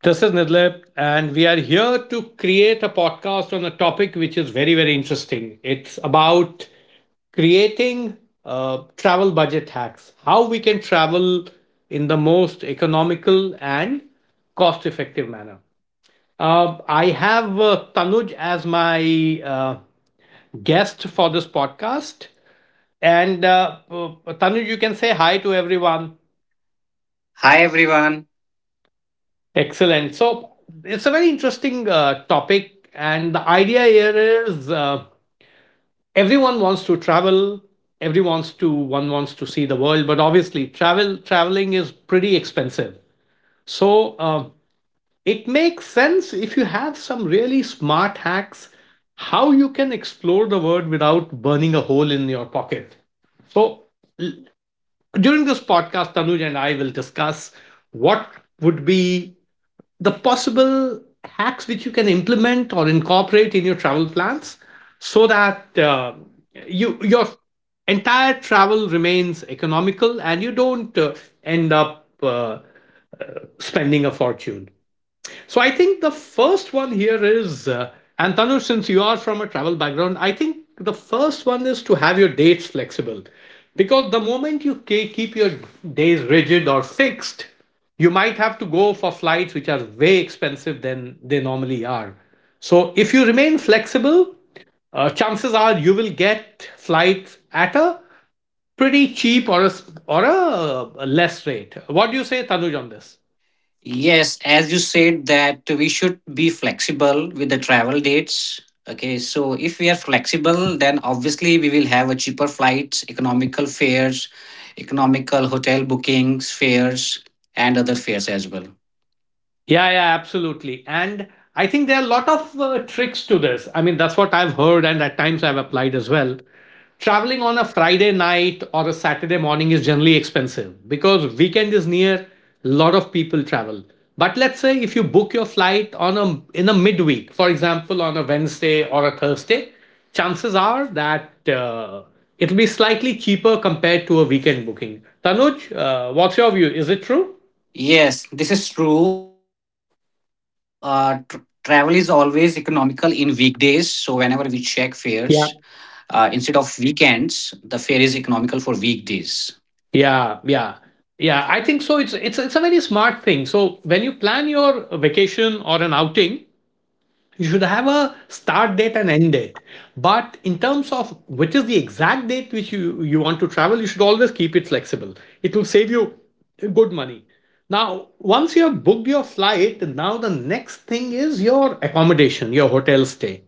This is Nidlip, and we are here to create a podcast on a topic which is very, very interesting. It's about creating travel budget hacks, how we can travel in the most economical and cost effective manner. I have Tanuj as my guest for this podcast. And Tanuj, you can say hi to everyone. Hi everyone. Excellent. So it's a very interesting topic, and the idea here is everyone wants to travel. Everyone wants to one wants to see the world, but obviously traveling is pretty expensive. So it makes sense if you have some really smart hacks how you can explore the world without burning a hole in your pocket. So l- During this podcast, Tanuj and I will discuss what would be the possible hacks which you can implement or incorporate in your travel plans so that your entire travel remains economical and you don't end up spending a fortune. So I think the first one here is, and Tanu, since you are from a travel background, I think the first one is to have your dates flexible. Because the moment you keep your days rigid or fixed, you might have to go for flights which are way expensive than they normally are. So if you remain flexible, chances are you will get flights at a pretty cheap or a less rate. What do you say, Tanuj, on this? Yes, as you said that we should be flexible with the travel dates. Okay, so if we are flexible, then obviously we will have a cheaper flights, economical fares, economical hotel bookings, fares, and other fares as well. Yeah, yeah, absolutely. And I think there are a lot of tricks to this. I mean, that's what I've heard, and at times I've applied as well. Traveling on a Friday night or a Saturday morning is generally expensive because weekend is near, a lot of people travel. But let's say if you book your flight on a in a midweek, for example, on a Wednesday or a Thursday, chances are that it'll be slightly cheaper compared to a weekend booking. Tanuj, what's your view? Is it true? Yes, this is true. Travel is always economical in weekdays. So whenever we check fares, instead Yeah. of weekends, the fare is economical for weekdays. Yeah, yeah. Yeah, I think so. It's a very smart thing. So when you plan your vacation or an outing, you should have a start date and end date. But in terms of which is the exact date which you want to travel, you should always keep it flexible. It will save you good money. Now, once you have booked your flight, now the next thing is your accommodation, your hotel stay,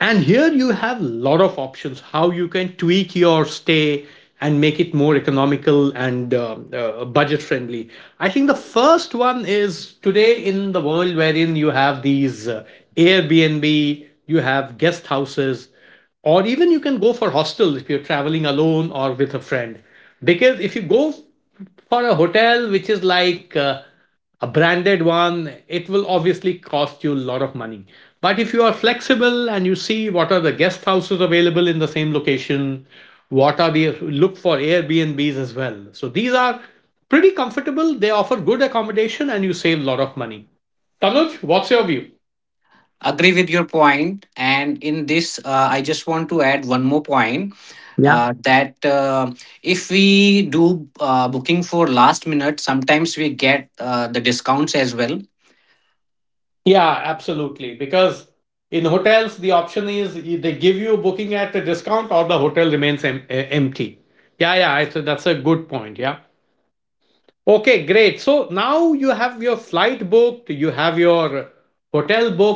and here you have a lot of options how you can tweak your stay and make it more economical and budget friendly. I think the first one is today in the world wherein you have these Airbnb, you have guest houses, or even you can go for hostels if you're traveling alone or with a friend. Because if you go for a hotel which is like a branded one, it will obviously cost you a lot of money. But if you are flexible and you see what are the guest houses available in the same location, what are the look for Airbnbs as well. So these are pretty comfortable. They offer good accommodation and you save a lot of money. Tanuj, what's your view? Agree with your point, and in this, I just want to add one more point. Yeah. That If we do booking for last minute, sometimes we get the discounts as well. Yeah, absolutely. Because in hotels, the option is they give you booking at a discount or the hotel remains empty. Yeah, yeah, it's a, that's a good point. Yeah. Okay, great. So now you have your flight booked, you have your hotel booked.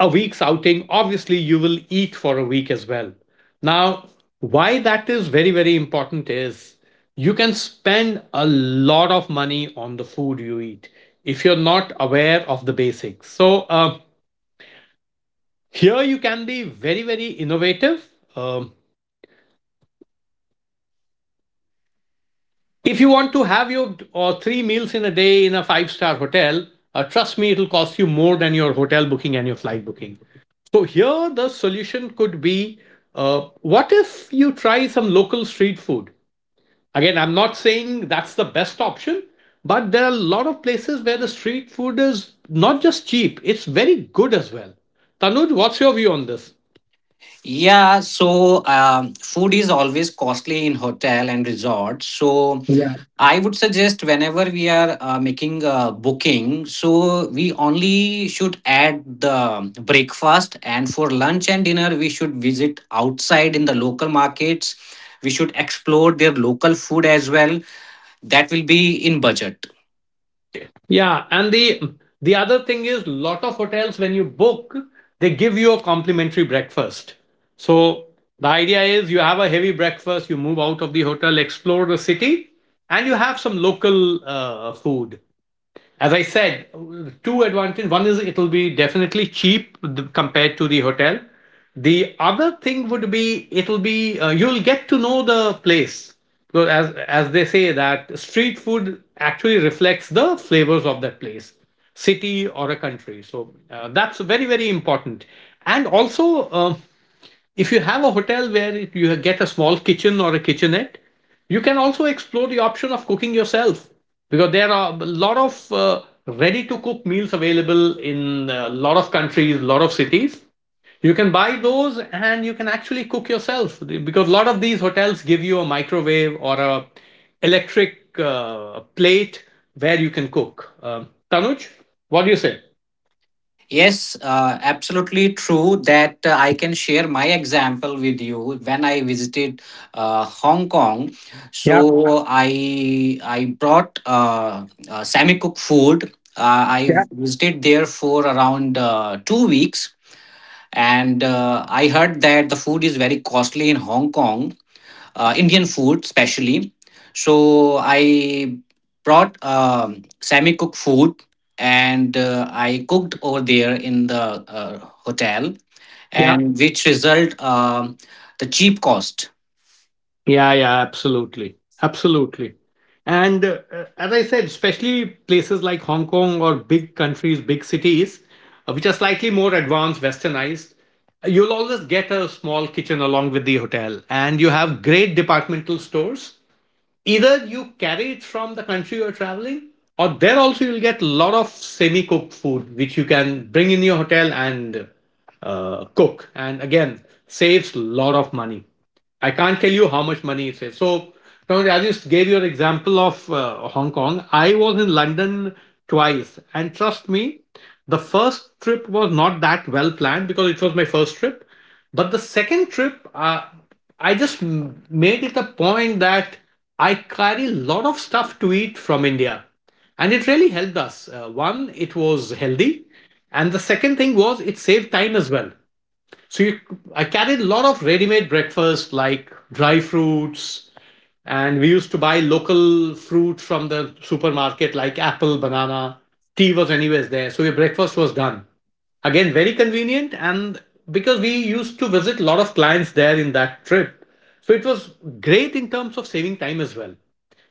A week's outing, obviously you will eat for a week as well. Now, why that is very, very important is you can spend a lot of money on the food you eat if you're not aware of the basics. So, here you can be very, very innovative. Um, if you want to have your three meals in a day in a five-star hotel, trust me, it'll cost you more than your hotel booking and your flight booking. So here the solution could be what if you try some local street food? Again, I'm not saying that's the best option, but there are a lot of places where the street food is not just cheap, it's very good as well. Tanuj, what's your view on this? Yeah, so food is always costly in hotel and resorts. So Yeah. I would suggest whenever we are making a booking, so we only should add the breakfast, and for lunch and dinner, we should visit outside in the local markets. We should explore their local food as well. That will be in budget. Yeah, and the other thing is lot of hotels when you book, they give you a complimentary breakfast. So the idea is you have a heavy breakfast, you move out of the hotel, explore the city, and you have some local food. As I said, two advantages. One is it'll be definitely cheap compared to the hotel. The other thing would be it'll be you'll get to know the place. So as they say that street food actually reflects the flavors of that place, city or a country. So that's very very important. And also, if you have a hotel where you get a small kitchen or a kitchenette, you can also explore the option of cooking yourself, because there are a lot of ready to cook meals available in a lot of countries, a lot of cities. You can buy those and you can actually cook yourself, because a lot of these hotels give you a microwave or a electric plate where you can cook. Tanuj, what do you say? Yes, absolutely true that I can share my example with you when I visited Hong Kong. Yeah, So I brought semi-cooked food. I yeah, visited there for around 2 weeks, and I heard that the food is very costly in Hong Kong, Indian food especially. So I brought semi cooked food, and I cooked over there in the uh, hotel, yeah. and which result the cheap cost. Yeah, yeah, absolutely. Absolutely. And as I said, especially places like Hong Kong or big countries, big cities, which are slightly more advanced, westernized, you'll always get a small kitchen along with the hotel. And you have great departmental stores. Either you carry it from the country you're traveling, or there also you'll get a lot of semi cooked food, which you can bring in your hotel and cook. And again, saves a lot of money. I can't tell you how much money it saves. So, I just gave you an example of Hong Kong. I was in London twice, and trust me, the first trip was not that well planned because it was my first trip. But the second trip, I just made it a point that I carry a lot of stuff to eat from India. And it really helped us. One, it was healthy. And the second thing was it saved time as well. So I carried a lot of ready-made breakfast like dry fruits, and we used to buy local fruit from the supermarket like apple, banana. Tea was anyways there, so your breakfast was done. Again, very convenient, and because we used to visit a lot of clients there in that trip, so it was great in terms of saving time as well.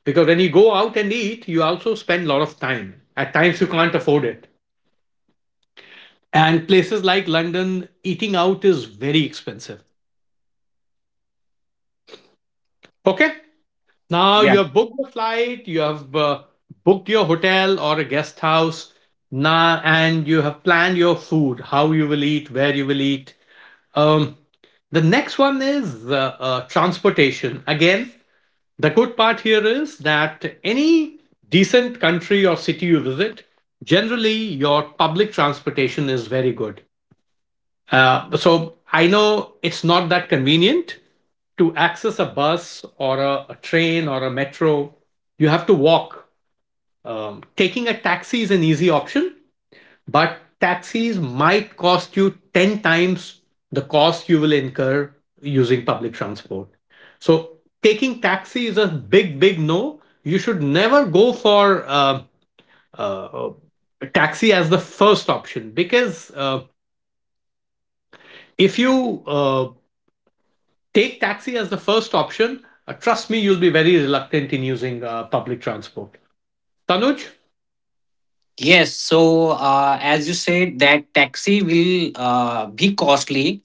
Because when you go out and eat, you also spend a lot of time. At times you can't afford it. And places like London, eating out is very expensive. Okay. Now Yeah. you have booked the flight, you have booked your hotel or a guest house, now, and you have planned your food, how you will eat, where you will eat. Um, the next one is transportation. Again, the good part here is that any decent country or city you visit, generally your public transportation is very good. So I know it's not that convenient to access a bus or a train or a metro. You have to walk. Taking a taxi is an easy option, but taxis might cost you 10 times the cost you will incur using public transport. So taking taxi is a big, big no. You should never go for uh, taxi as the first option, because if you take taxi as the first option, trust me, you'll be very reluctant in using public transport. Tanuj? Yes. So as you said, that taxi will be costly.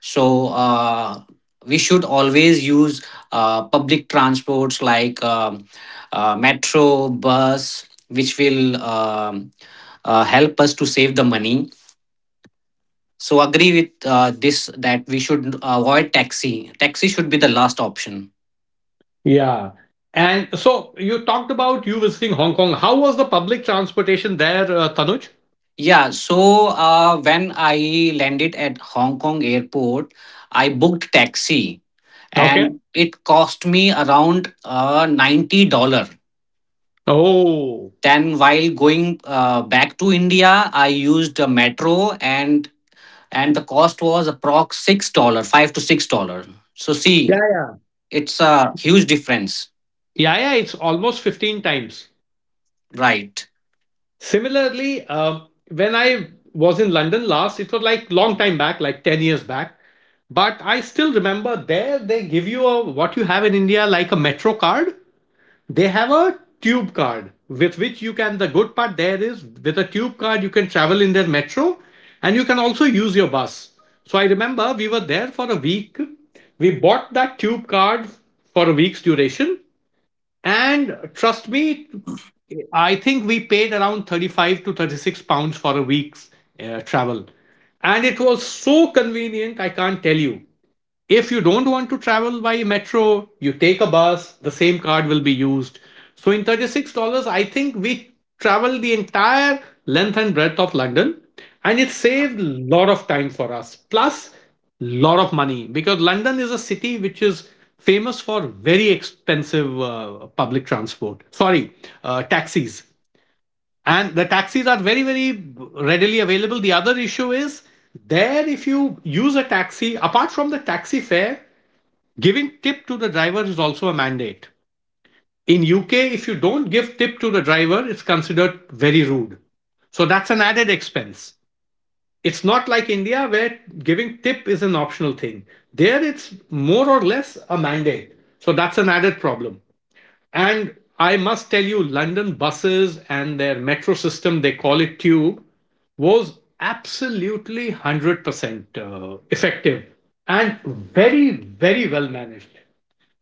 So we should always use public transports like metro, bus, which will help us to save the money. So agree with this that we should avoid taxi. Taxi should be the last option. Yeah. And so you talked about you visiting Hong Kong. How was the public transportation there, Tanuj? Yeah, so when I landed at Hong Kong airport, I booked taxi Okay. and it cost me around $90 dollars. Oh. Then while going back to India, I used a metro, and the cost was approx $6, $5 to $6. So Yeah, see, yeah. it's a huge difference, Yeah, yeah, it's almost 15 times. right? Similarly, when I was in London last, it was like long time back, like 10 years back. But I still remember there they give you a, what you have in India like a metro card, they have a tube card with which you can, the good part there is with a tube card you can travel in their metro and you can also use your bus. So I remember we were there for a week, we bought that tube card for a week's duration, and trust me, I think we paid around 35 to £36 for a week's travel. And it was so convenient I can't tell you. If you don't want to travel by metro, you take a bus, the same card will be used. So in $36, I think we travel the entire length and breadth of London, and it saved a lot of time for us. Plus, a lot of money because London is a city which is famous for very expensive public transport. Sorry, taxis. And the taxis are very, very readily available. The other issue is there, if you use a taxi, apart from the taxi fare, giving tip to the driver is also a mandate. In UK, if you don't give tip to the driver, it's considered very rude. So that's an added expense. It's not like India where giving tip is an optional thing. There it's more or less a mandate. So that's an added problem. And I must tell you, London buses and their metro system, they call it tube, was absolutely 100% effective and very, very well managed.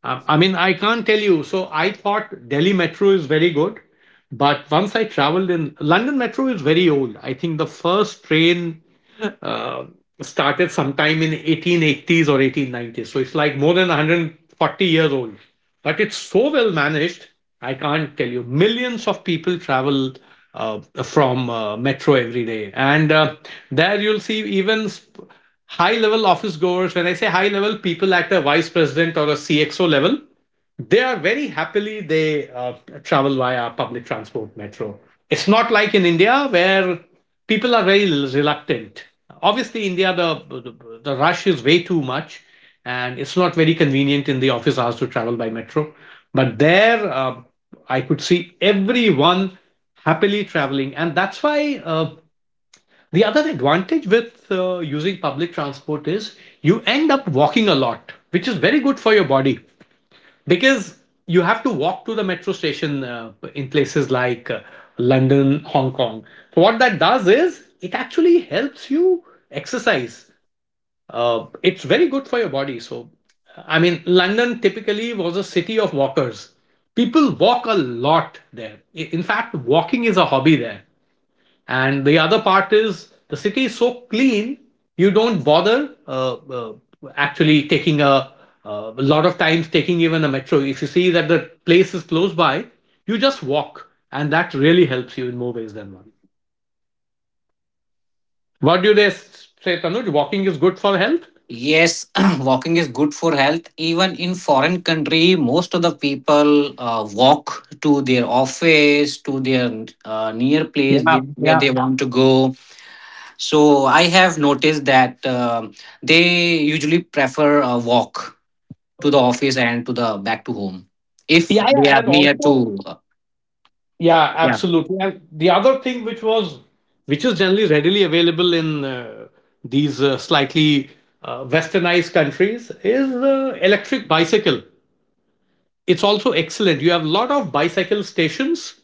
I can't tell you. So I thought Delhi Metro is very good, but once I traveled in London Metro is very old. I think the first train uh, started sometime in 1880s or 1890s. So it's like more than 140 years old. But it's so well managed, I can't tell you. Millions of people travel from metro every day. And there you'll see even high level office goers. When I say high level, people at a vice president or a CXO level they are very happily they travel via public transport metro. It's not like in india where people are very reluctant. Obviously india the the rush is way too much and it's not very convenient in the office hours to travel by metro, but there I could see everyone happily traveling. And that's why the other advantage with using public transport is you end up walking a lot, which is very good for your body, because you have to walk to the metro station in places like London, Hong Kong. So what that does is it actually helps you exercise. It's very good for your body. So, I mean, London typically was a city of walkers. People walk a lot there. In fact, walking is a hobby there. And the other part is the city is so clean, you don't bother actually taking a lot of times taking even a metro. If you see that the place is close by, you just walk, and that really helps you in more ways than one. What do they say, Tanuj? Walking is good for health. Yes, walking is good for health. Even in foreign country, most of the people walk to their office, to their near place Yeah, they, where yeah, they want to go. So I have noticed that they usually prefer a walk to the office and to the back to home if yeah, they yeah. are And near to. also, uh, yeah, yeah, absolutely. And the other thing which was which is generally readily available in these slightly westernized countries is electric bicycle. It's also excellent. You have a lot of bicycle stations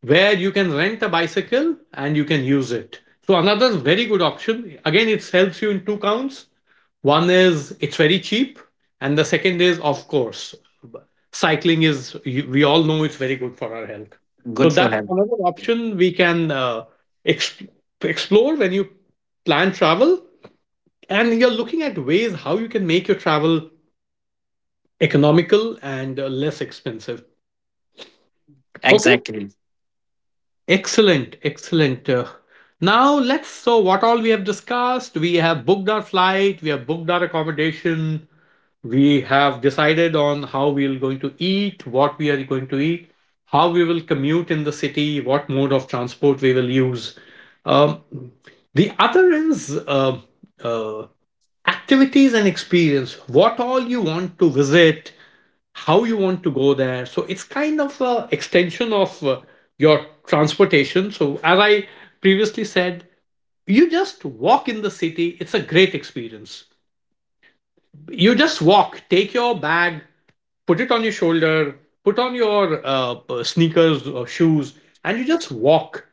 where you can rent a bicycle and you can use it. So another very good option. Again, it helps you in two counts. One is it's very cheap, and the second is, of course, cycling is, we all know it's very good for our health. So good for that's health. another option we can exp- explore when you plan travel. And you're looking at ways how you can make your travel economical and less expensive. Okay. Exactly. Excellent. Excellent. Now let's. So, what all we have discussed? We have booked our flight, we have booked our accommodation, we have decided on how we're going to eat, what we are going to eat, how we will commute in the city, what mode of transport we will use. Um, the other is uh, activities and experience, what all you want to visit, how you want to go there. So it's kind of an extension of your transportation. So, as I previously said, you just walk in the city, it's a great experience. You just walk, take your bag, put it on your shoulder, put on your sneakers or shoes, and you just walk.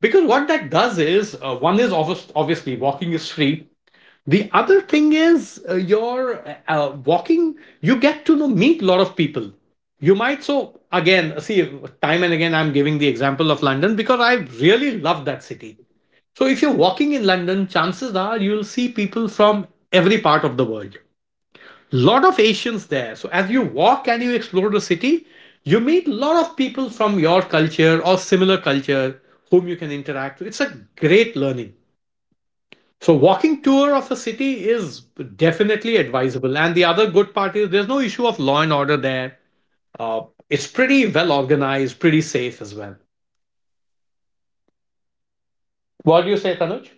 Because what that does is, one is obvious, obviously walking is free. The other thing is, you're walking, you get to meet a lot of people. You might, so again, see, time and again, I'm giving the example of London because I really love that city. So if you're walking in London, chances are you'll see people from every part of the world, lot of Asians there. So as you walk and you explore the city, you meet a lot of people from your culture or similar culture whom you can interact with. It's a great learning. So walking tour of a city is definitely advisable. And the other good part is there's no issue of law and order there. Uh, it's pretty well organized, pretty safe as well. What do you say, Tanuj?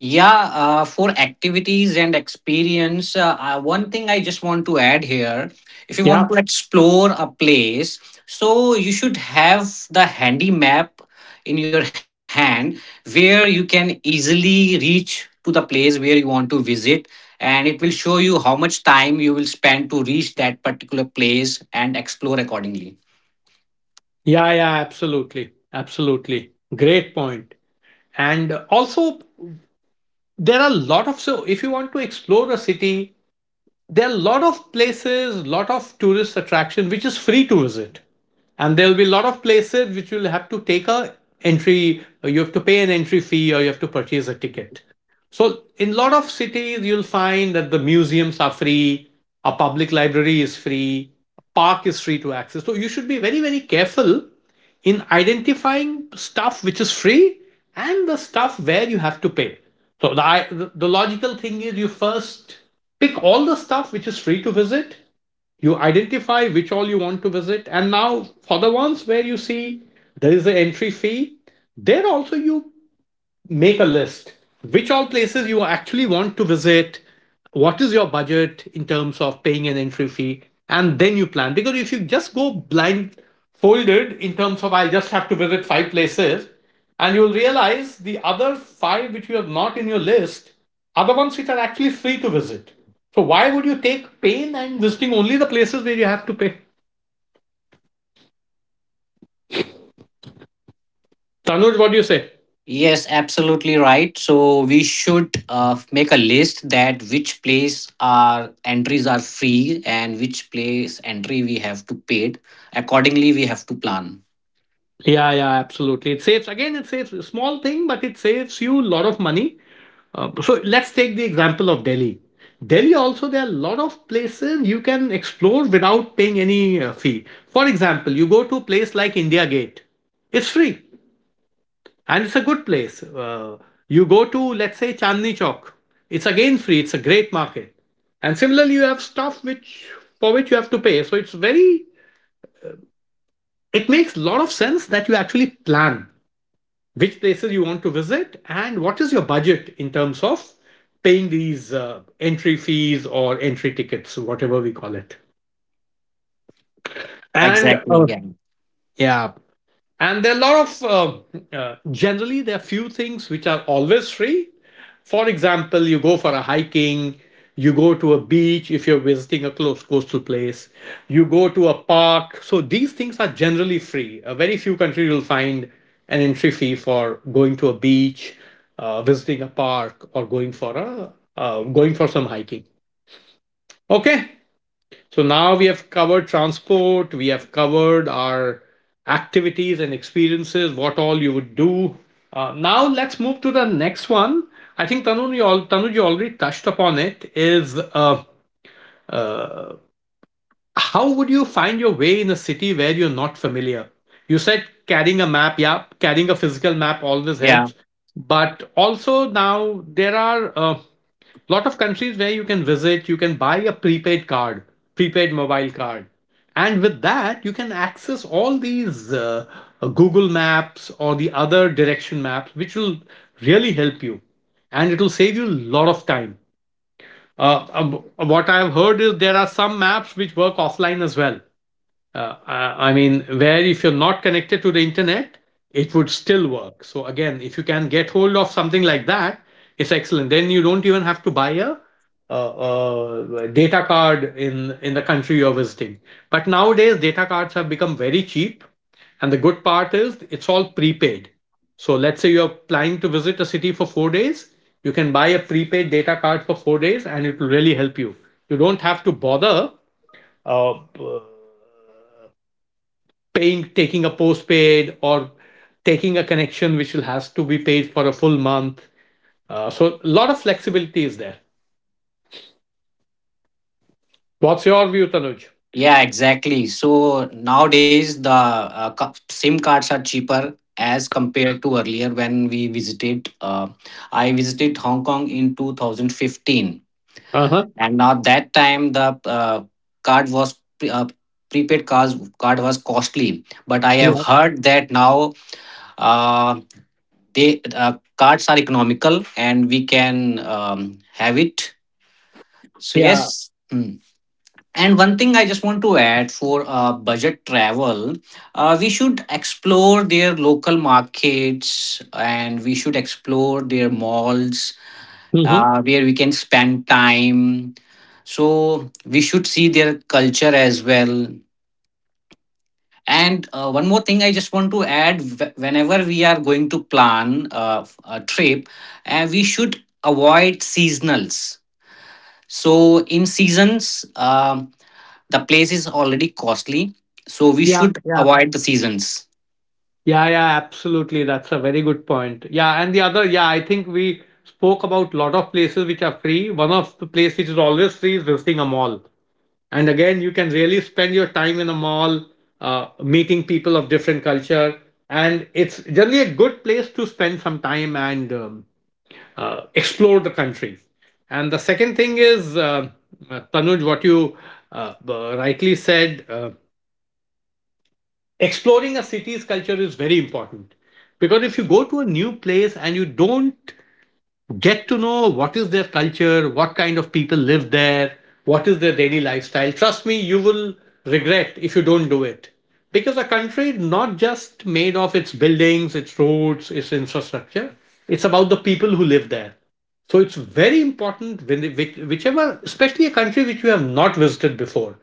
Yeah. For activities and experience, one thing I just want to add here, if you want Yeah, to explore a place, so you should have the handy map in your hand where you can easily reach to the place where you want to visit, and it will show you how much time you will spend to reach that particular place and explore accordingly. yeah, yeah, absolutely. Absolutely. Great point. And also, there are a lot of so if you want to explore a city, there are a lot of places, lot of tourist attraction which is free to visit, and there will be a lot of places which you'll have to take a entry. Or you have to pay an entry fee, or you have to purchase a ticket. So in a lot of cities, you'll find that the museums are free, a public library is free, a park is free to access. So you should be very very careful in identifying stuff which is free and the stuff where you have to pay. So the logical thing is you first pick all the stuff which is free to visit. You identify which all you want to visit, and now for the ones where you see there is an entry fee, there also you make a list which all places you actually want to visit, what is your budget in terms of paying an entry fee, and then you plan. Because if you just go blindfolded in terms of I just have to visit five places, and you'll realize the other five which you have not in your list are the ones which are actually free to visit, so why would you take pain and visiting only the places where you have to pay. Tanuj, what do you say? Yes, absolutely right. So we should make a list that which place our entries are free and which place entry we have to paid. Accordingly, we have to plan. Yeah, yeah, absolutely. It saves, again, it saves a small thing, but it saves you a lot of money. So let's take the example of Delhi. Delhi also there are a lot of places you can explore without paying any fee. For example, you go to a place like India Gate. It's free and it's a good place. You go to let's say Chandni Chowk. It's again free. It's a great market. And similarly, you have stuff which for which you have to pay. So it's very it makes a lot of sense that you actually plan which places you want to visit, and what is your budget in terms of paying these entry fees or entry tickets, whatever we call it. And Exactly. Yeah. yeah, and there are a lot of generally there are few things which are always free. For example, you go for a hiking, you go to a beach if you're visiting a close coastal place, you go to a park. So these things are generally free. A very few countries will find an entry fee for going to a beach, visiting a park, or going for a going for some hiking. Okay, so now we have covered transport, we have covered our activities and experiences, what all you would do. Now let's move to the next one. I think Tanuj, Tanuj, you already touched upon it. Is uh, how would you find your way in a city where you're not familiar? You said carrying a map, yeah, carrying a physical map always Yeah. helps. But also now there are lot of countries where you can visit, you can buy a prepaid card, prepaid mobile card, and with that you can access all these google maps or the other direction maps which will really help you, and it will save you a lot of time. What I've heard is there are some maps which work offline as well. I mean, where if you're not connected to the internet, it would still work. So again, if you can get hold of something like that, it's excellent. Then you don't even have to buy a data card in the country you're visiting. But nowadays, data cards have become very cheap, and the good part is it's all prepaid. So let's say you're planning to visit a city for 4 days, you can buy a prepaid data card for 4 days, and it will really help you. You don't have to bother uh, paying taking a postpaid or taking a connection which will has to be paid for a full month. So a lot of flexibility is there. What's your view, Tanuj? Yeah. Exactly. So nowadays the SIM cards are cheaper as compared to earlier when we visited. I visited Hong Kong in 2015, Uh huh. and now that time the card was pre- uh, prepaid card was costly, but I have Yeah. heard that now uh, they cards are economical and we can have it. So Yeah. yes. Mm. And one thing I just want to add for budget travel, we should explore their local markets and we should explore their malls Hmm. Where we can spend time. So we should see their culture as well. And one more thing I just want to add, whenever we are going to plan a trip, we should avoid seasonals. So, in seasons, the place is already costly. So, we Yeah. should Yeah. avoid the seasons. Yeah. Yeah. Absolutely. That's a very good point. Yeah. And the other, yeah, I think we spoke about lot of places which are free. One of the place which is always free is visiting a mall. And again, you can really spend your time in a mall meeting people of different culture, and it's generally a good place to spend some time and explore the country. And the second thing is, Tanuj, what you uh, rightly said, exploring a city's culture is very important. Because if you go to a new place and you don't get to know what is their culture, what kind of people live there, what is their daily lifestyle, trust me, you will regret if you don't do it. Because a country not just made of its buildings, its roads, its infrastructure, it's about the people who live there. So it's very important when, whichever, especially a country which you have not visited before,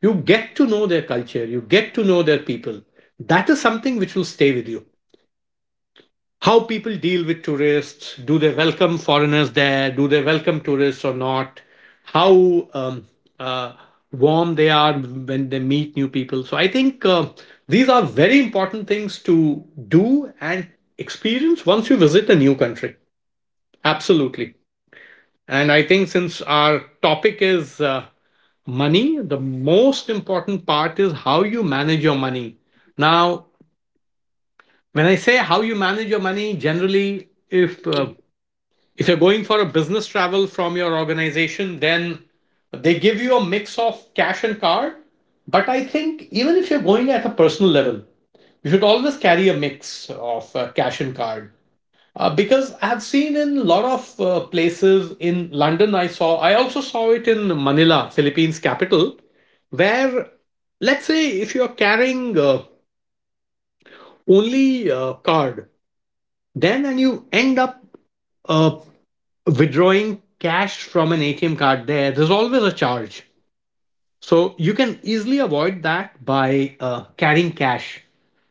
you get to know their culture, you get to know their people. That is something which will stay with you. How people deal with tourists. Do they welcome foreigners there? Do they welcome tourists or not? How uh, warm they are when they meet new people. So I think these are very important things to do and experience once you visit a new country. Absolutely. And I think since our topic is money, the most important part is how you manage your money. Now, when I say how you manage your money, generally, if you're going for a business travel from your organization, then they give you a mix of cash and card. But I think even if you're going at a personal level, you should always carry a mix of cash and card. Because I've seen in a lot of places in London, I also saw it in Manila, Philippines capital, where, let's say if you're carrying only a card, then and you end up uh, withdrawing cash from an ATM card there, there's always a charge. So you can easily avoid that by carrying cash.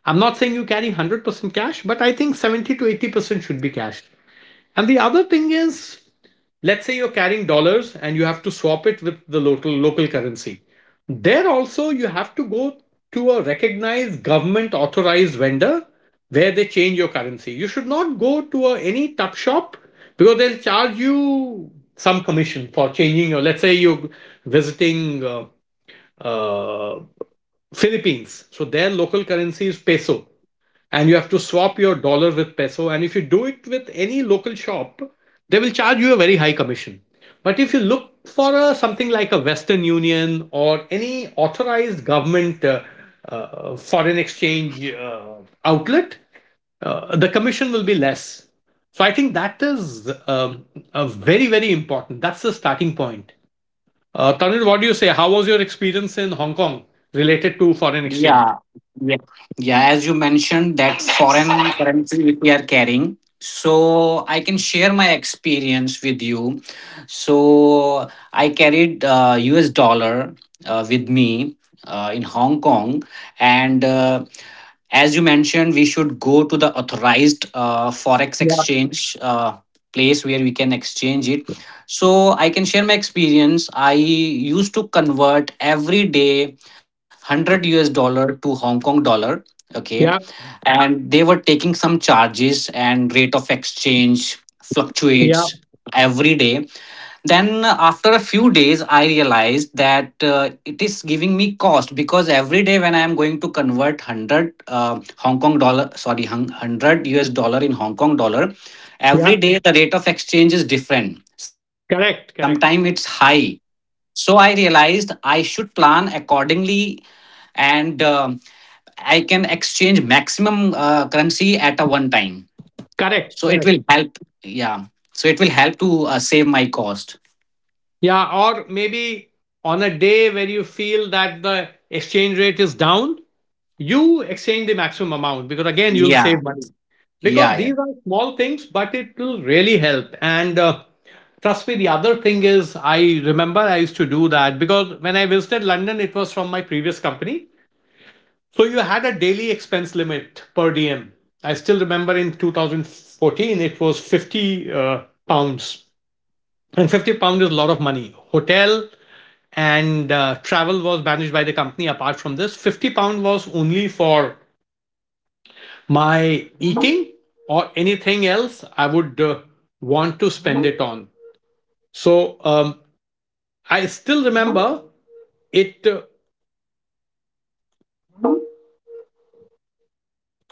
I'm not saying you carry 100% cash, but I think 70 to 80% should be cash. And the other thing is, let's say you're carrying dollars and you have to swap it with the local currency. There also you have to go to a recognized government authorized vendor where they change your currency. You should not go to a, any tuck shop because they'll charge you some commission for changing your. Let's say you're visiting uh, Philippines, so their local currency is peso, and you have to swap your dollar with peso. And if you do it with any local shop, they will charge you a very high commission. But if you look for a, something like a Western Union or any authorized government foreign exchange outlet, the commission will be less. So I think that is, a very, very important. That's the starting point. Tanvir, what do you say? How was your experience in Hong Kong related to foreign Yeah, exchange? yeah, yeah. As you mentioned, that foreign currency which we are carrying. So I can share my experience with you. So I carried U.S. dollar with me in Hong Kong, and as you mentioned, we should go to the authorized forex exchange place where we can exchange it. So I can share my experience. I used to convert every day 100 US dollar to Hong Kong dollar. Okay. Yeah, And they were taking some charges and rate of exchange yeah, fluctuates every day. Then after a few days, I realized that it is giving me cost because every day when I am going to convert 100 Hong Kong dollar, sorry, 100 US dollar in Hong Kong dollar, every yeah. day the rate of exchange is different. Sometimes it's Correct, high. correct. So I realized I should plan accordingly, and I can exchange maximum currency at a one time. So it will Correct, correct. help. Yeah. So it will help to save my cost. Yeah, or maybe on a day where you feel that the exchange rate is down, you exchange the maximum amount because again you'll Yeah. save money. Yeah. Because Yeah. these are small things, but it will really help. And trust me, the other thing is I remember I used to do that because when I visited London, it was from my previous company. So you had a daily expense limit per diem. I still remember in 2014 it was 50 pounds. And £50 is a lot of money. Hotel and travel was managed by the company. Apart from this, £50 was only for my eating or anything else I would want to spend it on. So I still remember it.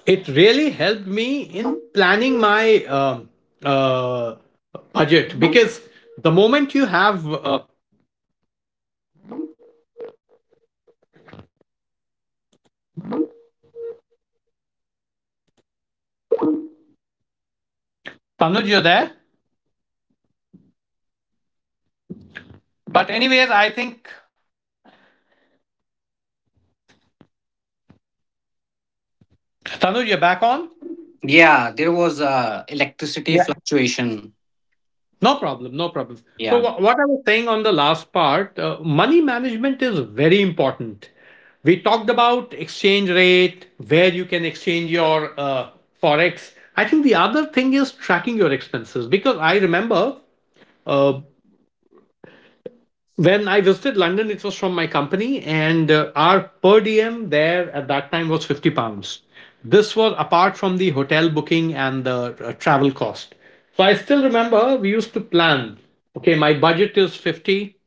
It really helped me in planning my uh, budget because the moment you have Tanuj, you're there. But anyways, I think Tanuj, you're back on. Yeah, there was electricity Yeah. fluctuation. No problem, no problem. So, Yeah. What I was saying on the last part, money management is very important. We talked about exchange rate, where you can exchange your forex. I think the other thing is tracking your expenses because I remember uh, when I visited London, it was from my company, and our per diem there at that time was £50. This was apart from the hotel booking and the travel cost. So I still remember we used to plan okay, my budget is 50,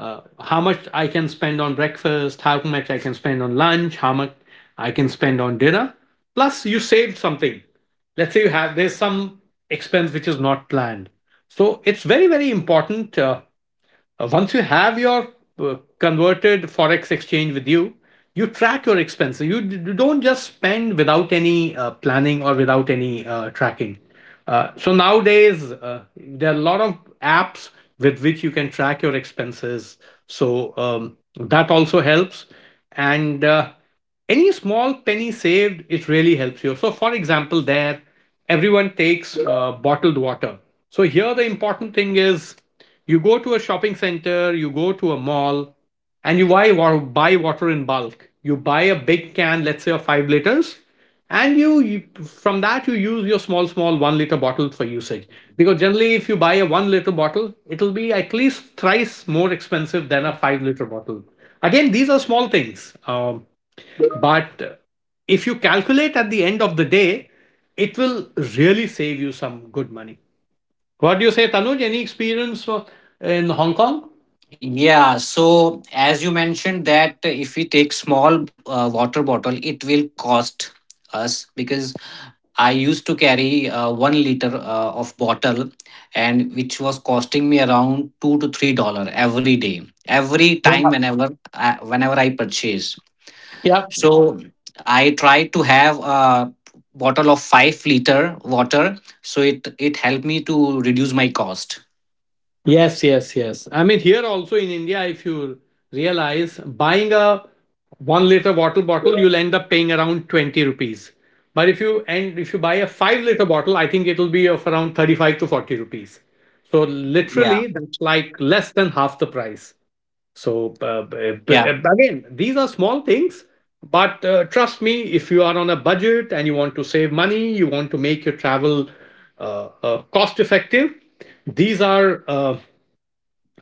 how much I can spend on breakfast, how much I can spend on lunch, how much I can spend on dinner. Plus, you saved something. Let's say you have, there's some expense which is not planned. So it's very, very important. Once you have your converted forex exchange with you, you track your expenses. You don't just spend without any planning or without any tracking. So nowadays, there are a lot of apps with which you can track your expenses. So that also helps. And any small penny saved, it really helps you. So, for example, there everyone takes bottled water. So here the important thing is, you go to a shopping center, you go to a mall, and you buy water in bulk. You buy a big can, let's say of 5 liters, and you from that you use your small 1 liter bottle for usage. Because generally, if you buy a 1 liter bottle, it'll be at least thrice more expensive than a 5 liter bottle. Again, these are small things. But if you calculate at the end of the day, it will really save you some good money. What do you say, Tanuj? Any experience in Hong Kong? Yeah, so as you mentioned that if we take small water bottle, it will cost us because I used to carry 1 liter of bottle, and which was costing me around $2 to $3 every day, every time Yeah. whenever whenever I purchase. Yeah. So I try to have a bottle of 5 liter water. So it helped me to reduce my cost. Yes, yes, yes. I mean, here also in India, if you realize buying a 1 liter water bottle, you'll end up paying around 20 rupees. But if you and if you buy a 5 liter bottle, I think it'll be of around 35 to 40 rupees. So literally, Yeah. that's like less than half the price. So Yeah. again, these are small things, but trust me, if you are on a budget and you want to save money, you want to make your travel cost effective, these are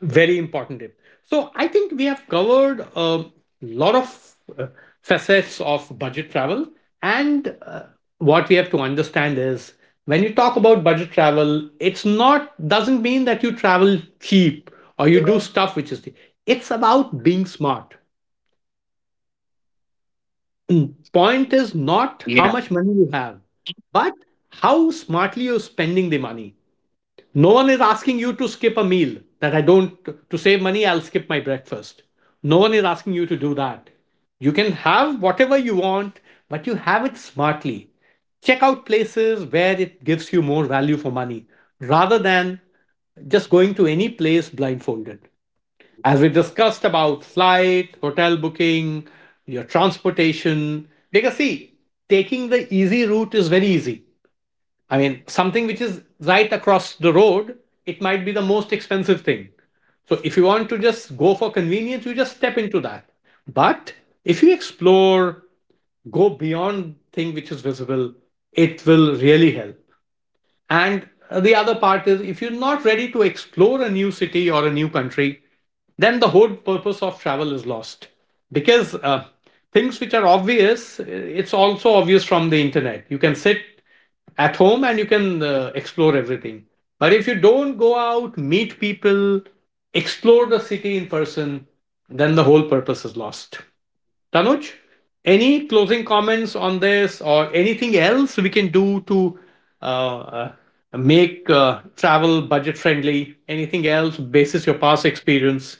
very important tip. So I think we have covered a lot of uh, facets of budget travel. And what we have to understand is when you talk about budget travel, it's not, doesn't mean that you travel cheap or you do stuff which is cheap. It's about being smart. Mm, point is Yeah. not how much money you have, but how smartly you're spending the money. No one is asking you to skip a meal that I don't, to save money, I'll skip my breakfast. No one is asking you to do that. You can have whatever you want, but you have it smartly. Check out places where it gives you more value for money rather than just going to any place blindfolded. As we discussed about flight, hotel booking, your transportation, take a seat. Taking the easy route is very easy. I mean, something which is right across the road, it might be the most expensive thing. So if you want to just go for convenience, you just step into that. But if you explore, go beyond thing which is visible, it will really help. And the other part is if you're not ready to explore a new city or a new country, then the whole purpose of travel is lost. Because things which are obvious, it's also obvious from the internet. You can sit at home and you can explore everything. But if you don't go out, meet people, explore the city in person, then the whole purpose is lost. Tanuj, any closing comments on this or anything else we can do to uh, uh, make travel budget friendly? Anything else basis your past experience?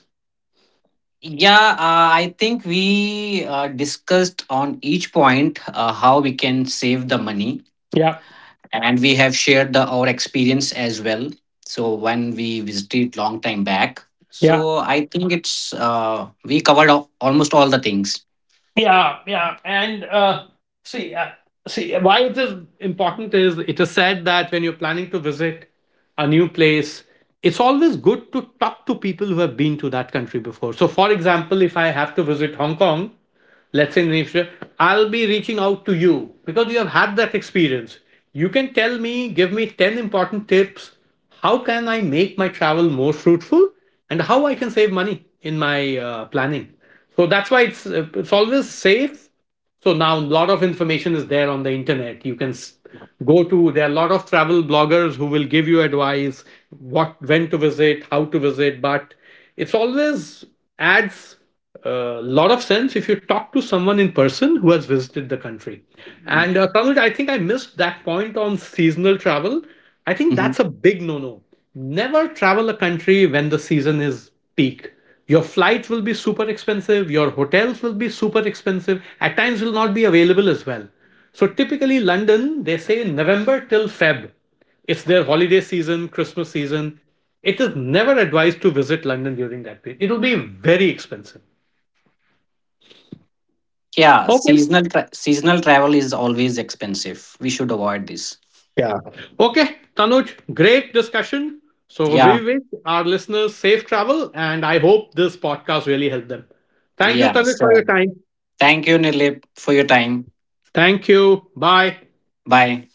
Yeah, I think we discussed on each point how we can save the money, Yeah, and we have shared the our experience as well. So when we visited long time back, yeah. so I think it's we covered almost all the things. Yeah, yeah. And see, uh, see, why it is important is it is said that when you're planning to visit a new place, it's always good to talk to people who have been to that country before. So, for example, if I have to visit Hong Kong, let's say in the future, I'll be reaching out to you because you have had that experience. You can tell me, give me 10 important tips. How can I make my travel more fruitful and how I can save money in my planning? So that's why it's always safe. So now a lot of information is there on the internet. You can go to there are a lot of travel bloggers who will give you advice what when to visit, how to visit, but it's always adds a lot of sense if you talk to someone in person who has visited the country. And Tanuj, I think I missed that point on seasonal travel. I think Mhm. that's a big no-no. Never travel a country when the season is peak. Your flights will be super expensive, your hotels will be super expensive, at times will not be available as well. So typically London, they say November till Feb. It's their holiday season, Christmas season. It is never advised to visit London during that period. It'll be very expensive. Yeah, Okay. Seasonal travel is always expensive. We should avoid this. Yeah. Okay, Tanuj, great discussion. So we Yeah, wish our listeners safe travel and I hope this podcast really helped them. Thank you, yeah, Tanuj, for your sure. time. Thank you, Nilip, for your time. Thank you. Bye. Bye.